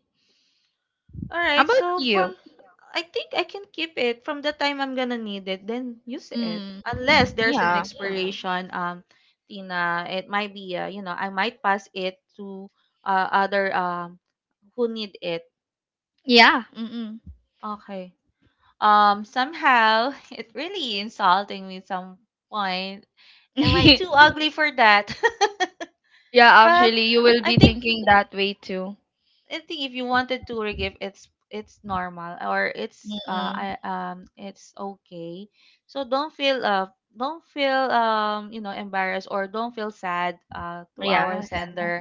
Speaker 1: All
Speaker 2: How
Speaker 1: right.
Speaker 2: about
Speaker 1: So
Speaker 2: you?
Speaker 1: from I think I can keep it from the time I'm gonna need it, then use it.
Speaker 2: Mm,
Speaker 1: Unless there's an
Speaker 2: yeah.
Speaker 1: expiration, um, Tina, it might be, uh, you know, I might pass it to uh, other um who need it.
Speaker 2: Yeah. Mm-mm.
Speaker 1: Okay. Um, somehow it really insulting me at some point. Am I too ugly for that?
Speaker 2: Yeah,
Speaker 1: But
Speaker 2: actually, you will
Speaker 1: I
Speaker 2: be
Speaker 1: think
Speaker 2: thinking that way too.
Speaker 1: I think if you wanted to forgive, it's it's normal or it's uh I
Speaker 2: Mm-mm.
Speaker 1: um it's okay. So don't feel uh don't feel um you know embarrassed or don't feel sad uh to our Yeah.
Speaker 2: Yes.
Speaker 1: sender.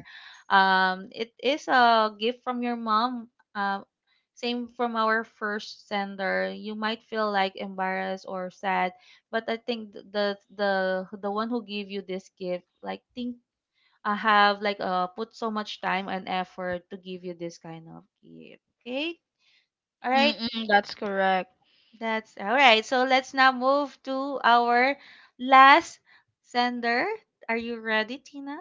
Speaker 1: Um it is a gift from your mom. Uh, same from our first sender. You might feel like embarrassed or sad, but I think th- the the the one who gave you this gift like think I have like uh put so much time and effort to give you this kind of gift. Okay? All right.
Speaker 2: Mm-mm, that's correct.
Speaker 1: That's all right. So let's now move to our last sender. Are you ready, Tina?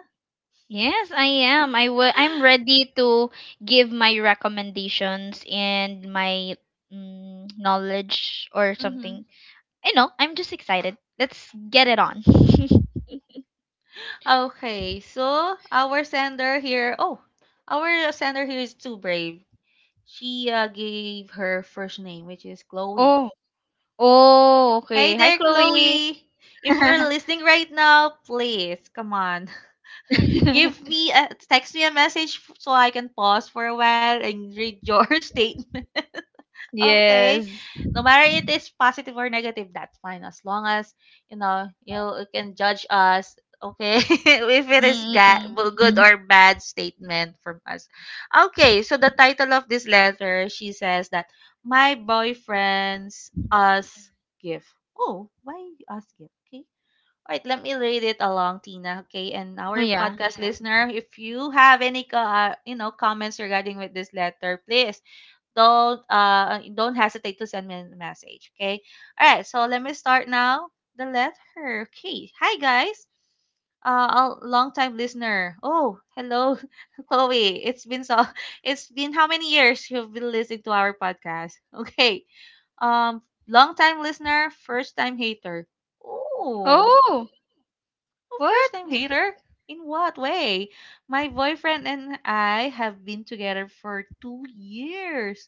Speaker 2: Yes, I am. I will. I'm ready to give my recommendations and my mm, knowledge or
Speaker 1: Mm-hmm.
Speaker 2: something. I know. I'm just excited. Let's get it on.
Speaker 1: Okay, so our sender here, oh, our sender here is too brave. She uh, gave her first name, which is Chloe.
Speaker 2: Oh, oh,
Speaker 1: Hey
Speaker 2: okay. Hi,
Speaker 1: there,
Speaker 2: Chloe.
Speaker 1: Chloe. If you're listening right now, please come on. Give me a text me a message f- so I can pause for a while and read your statement. Okay.
Speaker 2: Yes.
Speaker 1: No matter it is positive or negative, that's fine. As long as you know you you can judge us, okay, if it is ga-
Speaker 2: Mm-mm.
Speaker 1: well, good or bad statement from us. Okay, so the title of this letter, she says that my boyfriend's us gift. Oh, why us gift? Okay. All right, let me read it along, Tina. Okay, and
Speaker 2: Oh
Speaker 1: our
Speaker 2: yeah.
Speaker 1: podcast hmm listener, if you have any, co- uh, you know, comments regarding with this letter, please don't, uh, don't hesitate to send me a message. Okay. All right. So let me start now. The letter. Okay. Hi guys. Uh, a long time listener. Oh, hello, Chloe. It's been so. It's been how many years you've been listening to our podcast? Okay. Um, long time listener, first time hater. Oh.
Speaker 2: Oh,
Speaker 1: Oh, first time
Speaker 2: what?
Speaker 1: hater? In what way? My boyfriend and I have been together for two years.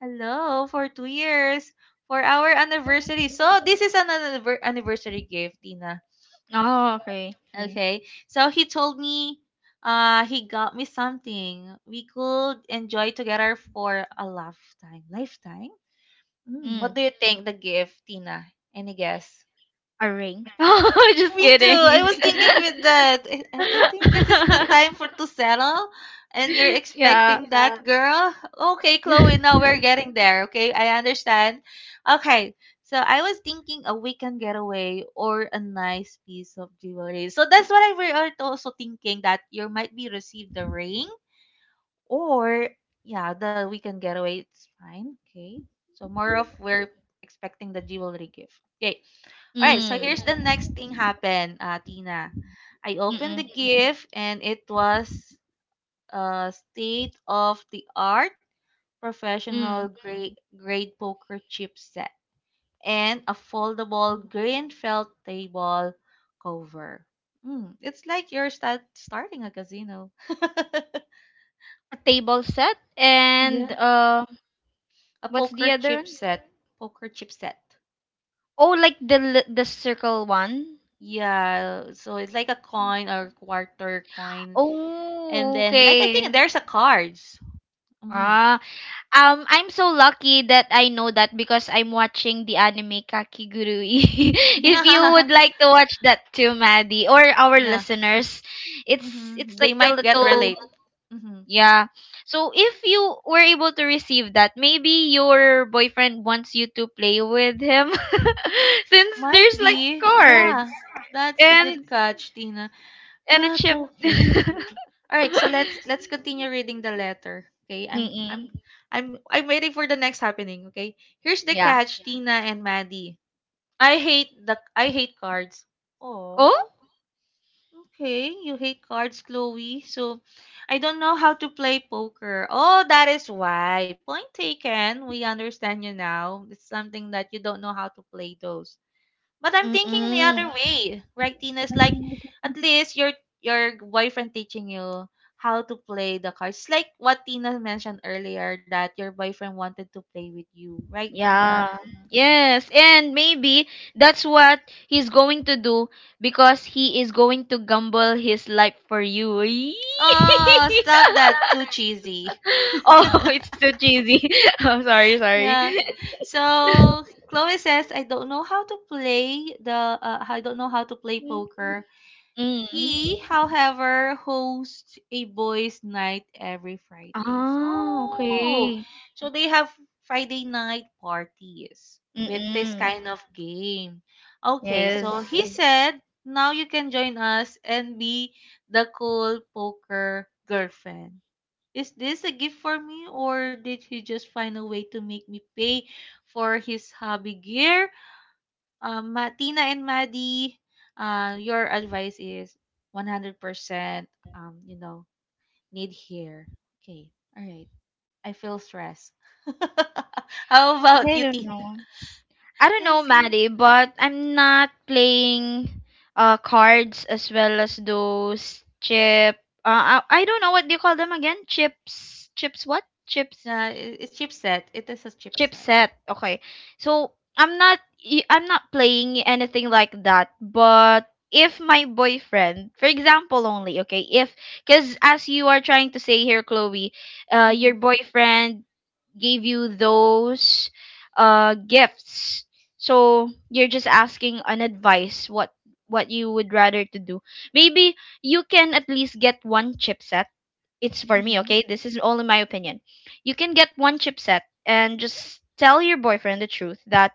Speaker 1: Hello, for two years. For our anniversary. So, this is an anniver- anniversary gift, Tina.
Speaker 2: Oh, okay.
Speaker 1: Okay. So, he told me uh, he got me something we could enjoy together for a lifetime. Lifetime? Mm, what
Speaker 2: Mm,
Speaker 1: do you think the gift, Tina? Any guess?
Speaker 2: a ring. Oh, just
Speaker 1: Me too. I
Speaker 2: kidding.
Speaker 1: was thinking with that. I, I I think this is the time for to settle, and you're
Speaker 2: Yeah.
Speaker 1: expecting that, girl. Okay, Chloe. Now we're getting there. Okay, I understand. Okay, so I was thinking a weekend getaway or a nice piece of jewelry. So that's what I we are also thinking that you might be received the ring or yeah, the weekend getaway, it's fine. Okay. So more of we're expecting the jewelry gift. Okay. All right. So here's
Speaker 2: Mm.
Speaker 1: the next thing happened, uh, Tina. I opened the
Speaker 2: Mm-mm.
Speaker 1: gift and it was a state of the art professional
Speaker 2: Mm.
Speaker 1: grade grade poker chip set and a foldable green felt table cover. Mm, it's like you're start, starting a casino.
Speaker 2: A table set,
Speaker 1: Yeah.
Speaker 2: and uh
Speaker 1: A
Speaker 2: what's
Speaker 1: poker
Speaker 2: the other
Speaker 1: chip
Speaker 2: one?
Speaker 1: set. Poker chip set.
Speaker 2: Oh, like the li- the circle one.
Speaker 1: Yeah, so it's like a coin or quarter coin. And
Speaker 2: Oh,
Speaker 1: then, like, I think
Speaker 2: okay.
Speaker 1: there's a cards. Mm.
Speaker 2: Ah, um, I'm so lucky that I know that because I'm watching the anime Kakigurui. If you
Speaker 1: Yeah.
Speaker 2: would like to watch that too, Maddie, or our
Speaker 1: Yeah.
Speaker 2: listeners, it's it's
Speaker 1: Mm-hmm.
Speaker 2: like
Speaker 1: They
Speaker 2: a
Speaker 1: might get
Speaker 2: little
Speaker 1: relate. Mm-hmm.
Speaker 2: yeah. So if you were able to receive that, maybe your boyfriend wants you to play with him since
Speaker 1: Might
Speaker 2: there's like
Speaker 1: be.
Speaker 2: cards
Speaker 1: Yeah. That's a good
Speaker 2: and
Speaker 1: catch, Tina.
Speaker 2: and a
Speaker 1: But
Speaker 2: chip.
Speaker 1: okay. All right, so let's let's continue reading the letter. Okay? I'm
Speaker 2: Mm-mm.
Speaker 1: I'm I'm I'm waiting for the next happening, okay? Here's the
Speaker 2: Yeah.
Speaker 1: catch, Tina and Maddie. I hate the I hate cards.
Speaker 2: Oh?
Speaker 1: Oh, okay. You hate cards, Chloe. So I don't know how to play poker. Oh, that is why. Point taken. We understand you now. It's something that you don't know how to play those. But I'm thinking the other
Speaker 2: Mm-mm.
Speaker 1: way, right, Tina? It's like at least your your boyfriend teaching you how to play the cards. It's like what Tina mentioned earlier that your boyfriend wanted to play with you, right, Tina?
Speaker 2: Yeah. Yes, and maybe that's what he's going to do because he is going to gamble his life for you. Eee!
Speaker 1: Oh, stop that. Too cheesy.
Speaker 2: Oh, it's so cheesy. I'm sorry, sorry.
Speaker 1: yeah. So Chloe says, I don't know how to play the, uh, I don't know how to play poker.
Speaker 2: Mm.
Speaker 1: He, however, hosts a boys' night every Friday.
Speaker 2: Ah,
Speaker 1: So,
Speaker 2: okay.
Speaker 1: so they have Friday night parties with this
Speaker 2: Mm.
Speaker 1: kind
Speaker 2: Okay.
Speaker 1: of game. Okay, so
Speaker 2: Yes.
Speaker 1: he said, now you can join us and be the cool poker girlfriend. Is this a gift for me, or did he just find a way to make me pay for his hobby gear? Um, Ma- Tina and Maddie, uh, your advice is one hundred percent, um, you know, need here. Okay, all right. I feel stressed. How about
Speaker 2: I
Speaker 1: you,
Speaker 2: don't
Speaker 1: Tina?
Speaker 2: know. I don't know,
Speaker 1: It's, like-
Speaker 2: Maddie, but I'm not playing uh cards as well as those chip. Uh, I, I don't know, what do you call them again? Chips. Chips what? Chips.
Speaker 1: yeah, it- it's chipset. It is a chipset.
Speaker 2: Chipset, okay. So I'm not y- I'm not playing anything like that, but if my boyfriend, for example only, okay, if cuz as you are trying to say here, Chloe, uh your
Speaker 1: Mm-hmm.
Speaker 2: boyfriend gave you those uh gifts. So you're just asking an advice what what you would rather to do. Maybe you can at least get one chipset, it's for me,
Speaker 1: Mm-hmm.
Speaker 2: okay? This is only my opinion. You can get one chipset and just tell your boyfriend the truth that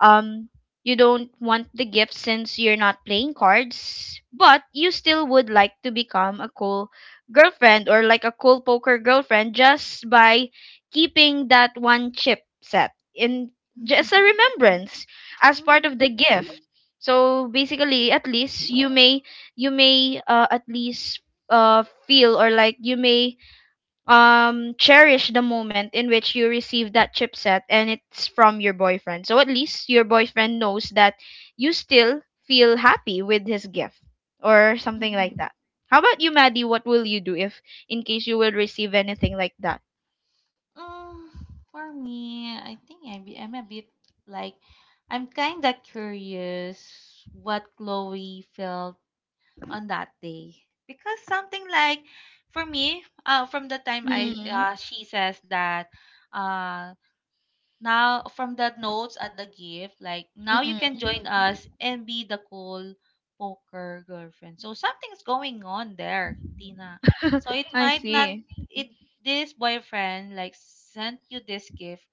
Speaker 2: um you don't want the gift since you're not playing cards, but you still would like to become a cool girlfriend, or like a cool poker girlfriend, just by keeping that one chip set in just a remembrance as part
Speaker 1: Mm-hmm.
Speaker 2: of the gift. So basically, at least you may you may uh, at least uh feel, or like you may um cherish the moment in which you receive that chipset and it's from your boyfriend. So at least your boyfriend knows that you still feel happy with his gift or something like that. How about you, Maddie? What will you do if in case you will receive anything like that?
Speaker 1: Mm, for me, I think I'm, I'm a bit like I'm kind of curious what Chloe felt on that day because something like for me, uh, from the time I
Speaker 2: Mm,
Speaker 1: uh, she says that uh now, from the notes at the gift, like now you can
Speaker 2: mm-mm.
Speaker 1: join us and be the cool poker girlfriend. So something's going on there, Tina. So it
Speaker 2: I
Speaker 1: might not
Speaker 2: see.
Speaker 1: it this boyfriend like sent you this gift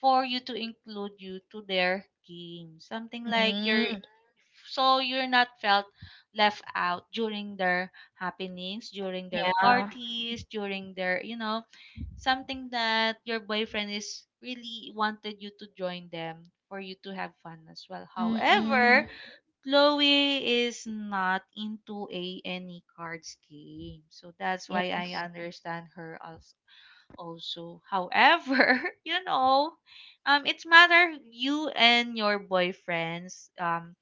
Speaker 1: for you to include you to their game. Something like you're
Speaker 2: Mm,
Speaker 1: so you're not felt left out during their happenings, during their
Speaker 2: yeah.
Speaker 1: parties, during their, you know, something that your boyfriend is really wanted you to join them for you to have fun as well. However,
Speaker 2: Mm-mm.
Speaker 1: Chloe is not into a any cards game. So that's why I
Speaker 2: Yes.
Speaker 1: understand her als- also. However, you know, um, it's matter you and your boyfriend's um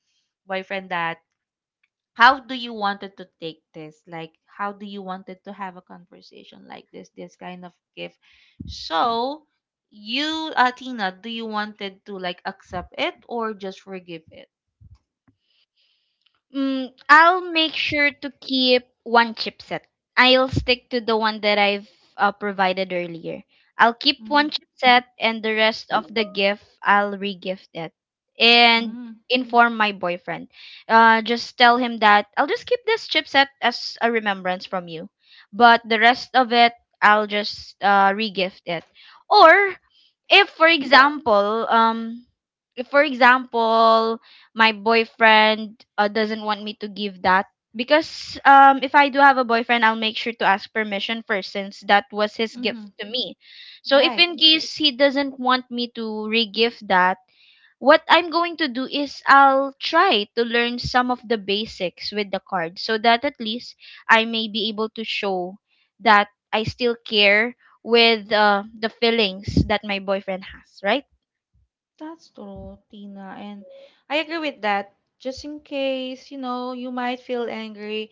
Speaker 1: boyfriend that how do you wanted to take this? Like how do you wanted to have a conversation like this? This kind of gift. So you, uh, Tina, do you wanted to like accept it or just forgive it?
Speaker 2: Mm, I'll make sure to keep one chipset. I'll stick to the one that I've uh, provided earlier. I'll keep one
Speaker 1: Mm-hmm.
Speaker 2: chipset, and the rest of the gift, I'll re-gift it and inform my boyfriend. Uh, just tell him that I'll just keep this chipset as a remembrance from you, but the rest of it, I'll just uh, re-gift it. Or if, for example, um, if for example my boyfriend uh, doesn't want me to give that because um if I do have a boyfriend, I'll make sure to ask permission first since that was his gift
Speaker 1: Mm-hmm.
Speaker 2: to me. So if
Speaker 1: Right.
Speaker 2: in case he doesn't want me to re-gift that, what I'm going to do is I'll try to learn some of the basics with the card, so that at least I may be able to show that I still care with uh, the feelings that my boyfriend has, right?
Speaker 1: That's true, Tina. And I agree with that. Just in case, you know, you might feel angry,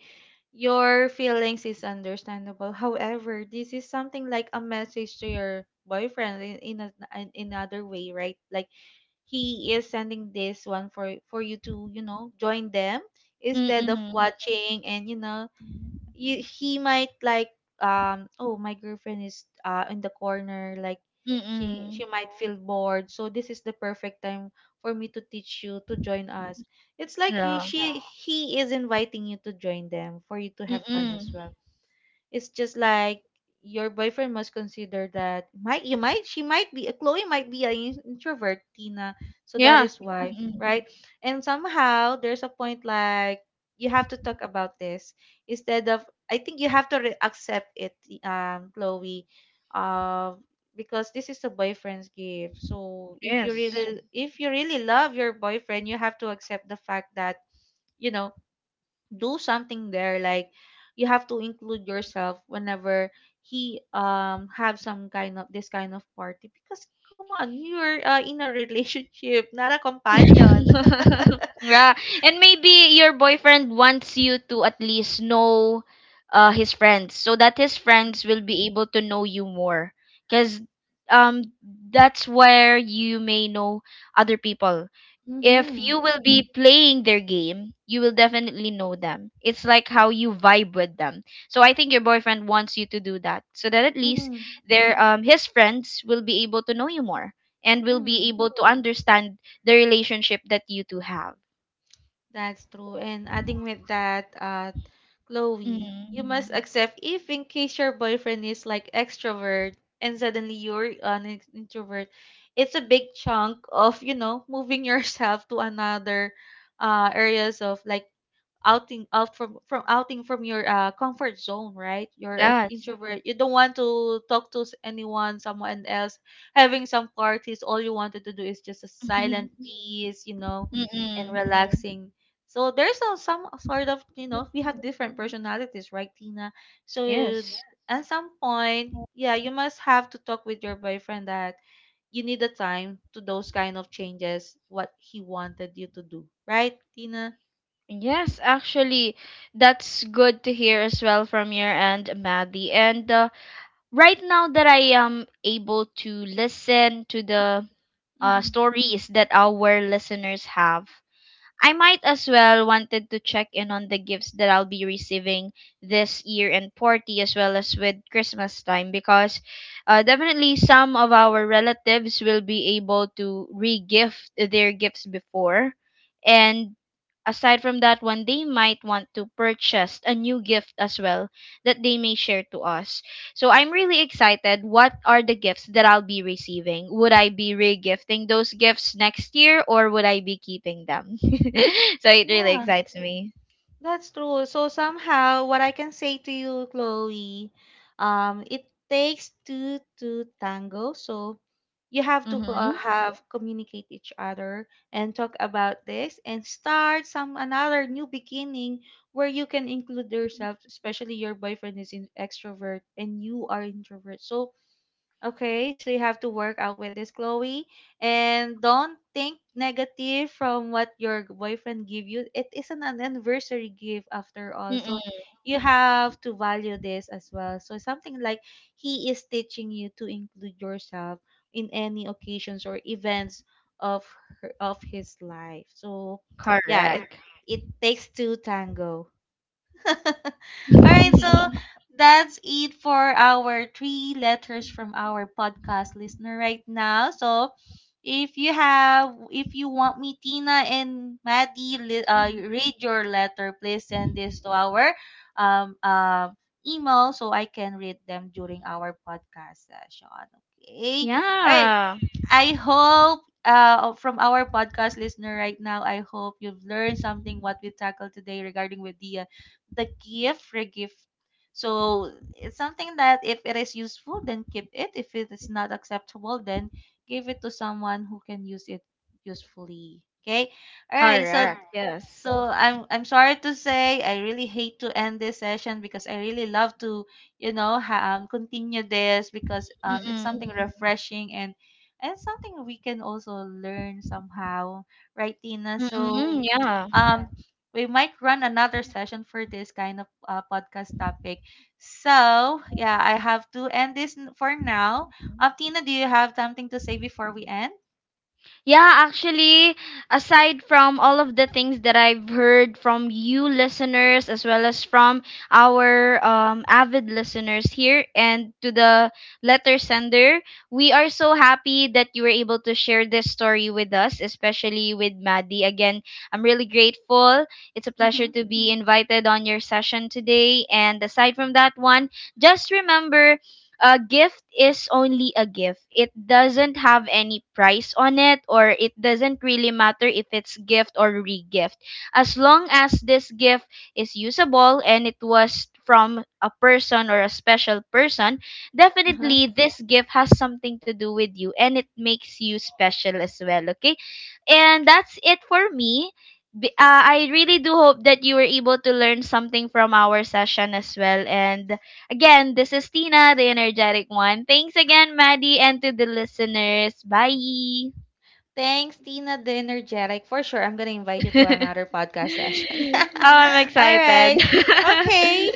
Speaker 1: your feelings is understandable. However, this is something like a message to your boyfriend in in, a, in another way, right? Like he is sending this one for for you to, you know, join them instead of
Speaker 2: Mm-mm.
Speaker 1: watching and you know you, he might like um oh my girlfriend is uh in the corner like she
Speaker 2: Mm-mm.
Speaker 1: she might feel bored so this is the perfect time for me to teach you to join us it's like you,
Speaker 2: Yeah.
Speaker 1: she he is inviting you to join them for you to have fun as
Speaker 2: Mm.
Speaker 1: well it's just like your boyfriend must consider that might you might she might be Chloe might be an introvert, Tina. So that
Speaker 2: Yeah.
Speaker 1: is why,
Speaker 2: Mm.
Speaker 1: right? And somehow there's a point like you have to talk about this instead of I think you have to re- accept it, um, Chloe, uh, because this is a boyfriend's gift. So if you
Speaker 2: Yes.
Speaker 1: really if you really love your boyfriend, you have to accept the fact that you know do something there like you have to include yourself whenever he um have some kind of this kind of party because come on you're uh, in a relationship not a companion
Speaker 2: Yeah. And maybe your boyfriend wants you to at least know uh his friends so that his friends will be able to know you more, cuz um that's where you may know other people. If
Speaker 1: Mm-hmm.
Speaker 2: you will be playing their game, you will definitely know them. It's like how you vibe with them. So I think your boyfriend wants you to do that so that at least
Speaker 1: mm-hmm.
Speaker 2: their um his friends will be able to know you more and will be
Speaker 1: Mm-hmm.
Speaker 2: able to understand the relationship that you two have.
Speaker 1: That's true and adding with that uh Chloe,
Speaker 2: Mm.
Speaker 1: you must Mm. accept if in case your boyfriend is like extrovert and suddenly you're an ex- introvert, it's a big chunk of, you know, moving yourself to another uh areas of like outing out from from outing from your uh, comfort zone right you're ex-
Speaker 2: Yes.
Speaker 1: introvert you don't want to talk to s- anyone someone else having some parties all you wanted to do is just a silent
Speaker 2: Mhm.
Speaker 1: peace you know and Mhm.
Speaker 2: Mm-mm.
Speaker 1: Right. relaxing so there's a, some sort of, you know, we have different personalities, right, Tina? So
Speaker 2: Yes.
Speaker 1: at some point, yeah, you must have to talk with your boyfriend that you need the time to those kind of changes, what he wanted you to do, right, Tina?
Speaker 2: Yes, actually, that's good to hear as well from your end, Maddie. And uh, right now that I am able to listen to the uh,
Speaker 1: Mm-hmm.
Speaker 2: stories that our listeners have, I might as well wanted to check in on the gifts that I'll be receiving this year and party, as well as with Christmas time, because uh, definitely some of our relatives will be able to re-gift their gifts before, and aside from that one they might want to purchase a new gift as well that they may share to us. So I'm really excited. What are the gifts that I'll be receiving? Would I be regifting those gifts next year, or would I be keeping them? So it really
Speaker 1: Yeah.
Speaker 2: excites me.
Speaker 1: That's true. So somehow, what I can say to you, Chloe, um, it takes two to tango. So you have to uh,
Speaker 2: Mm-hmm.
Speaker 1: have communicate each other and talk about this and start some another new beginning where you can include yourself, especially your boyfriend is in extrovert and you are introvert. So okay, so you have to work out with this, Chloe, and don't think negative from what your boyfriend give you. It isn't an anniversary gift after all, so
Speaker 2: Mm-mm.
Speaker 1: you have to value this as well. So something like he is teaching you to include yourself in any occasions or events of her, of his life. So yeah, it
Speaker 2: Correct.
Speaker 1: it takes two tango. All right, so that's it for our three letters from our podcast listener right now. So if you have, if you want me, Tina and Maddie, li- uh, read your letter, please send this to our um, uh, email so I can read them during our podcast session. Okay. All right.
Speaker 2: Yeah.
Speaker 1: I hope uh, from our podcast listener right now, I hope you've learned something what we tackled today regarding with the uh, the gift regift. So it's something that if it is useful, then keep it. If it is not acceptable, then give it to someone who can use it usefully. Okay. All right. So
Speaker 2: Correct. Yes.
Speaker 1: so I'm I'm sorry to say I really hate to end this session because I really love to you know ha- um, continue this because um it's
Speaker 2: Mm-mm.
Speaker 1: something refreshing and and something we can also learn somehow, right, Tina?
Speaker 2: Mm-mm.
Speaker 1: So,
Speaker 2: Yeah.
Speaker 1: um, we might run another session for this kind of uh, podcast topic. So, yeah, I have to end this n- for now. Um, Tina, do you have something to say before we end?
Speaker 2: Yeah, actually, aside from all of the things that I've heard from you listeners, as well as from our um, avid listeners here and to the letter sender, we are so happy that you were able to share this story with us, especially with Maddie. Again, I'm really grateful. It's a pleasure
Speaker 1: Mm-hmm.
Speaker 2: to be invited on your session today. And aside from that one, just remember, a gift is only a gift. It doesn't have any price on it, or it doesn't really matter if it's gift or regift. As long as this gift is usable and it was from a person or a special person, definitely this gift has something to do with you and it makes you special as well, okay? And that's it for me. B- Uh, I really do hope that you were able to learn something from our session as well. And again, this is Tina, the energetic one. Thanks again, Maddie, and to the listeners. Bye.
Speaker 1: Thanks, Tina the Energetic. For sure, I'm gonna invite you to
Speaker 2: Oh,
Speaker 1: another podcast session. All right,
Speaker 2: I'm excited.
Speaker 1: okay.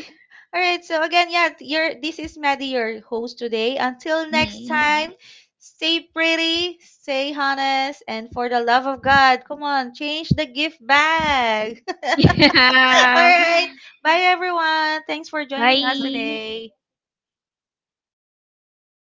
Speaker 1: All right. So again, yeah, you're this is Maddie, your host today. Until next
Speaker 2: Mhm.
Speaker 1: time, stay pretty, stay honest, and for the love of God, come on, change the gift bag. All
Speaker 2: Yeah.
Speaker 1: right. Bye everyone. Thanks for joining us
Speaker 2: Bye.
Speaker 1: today.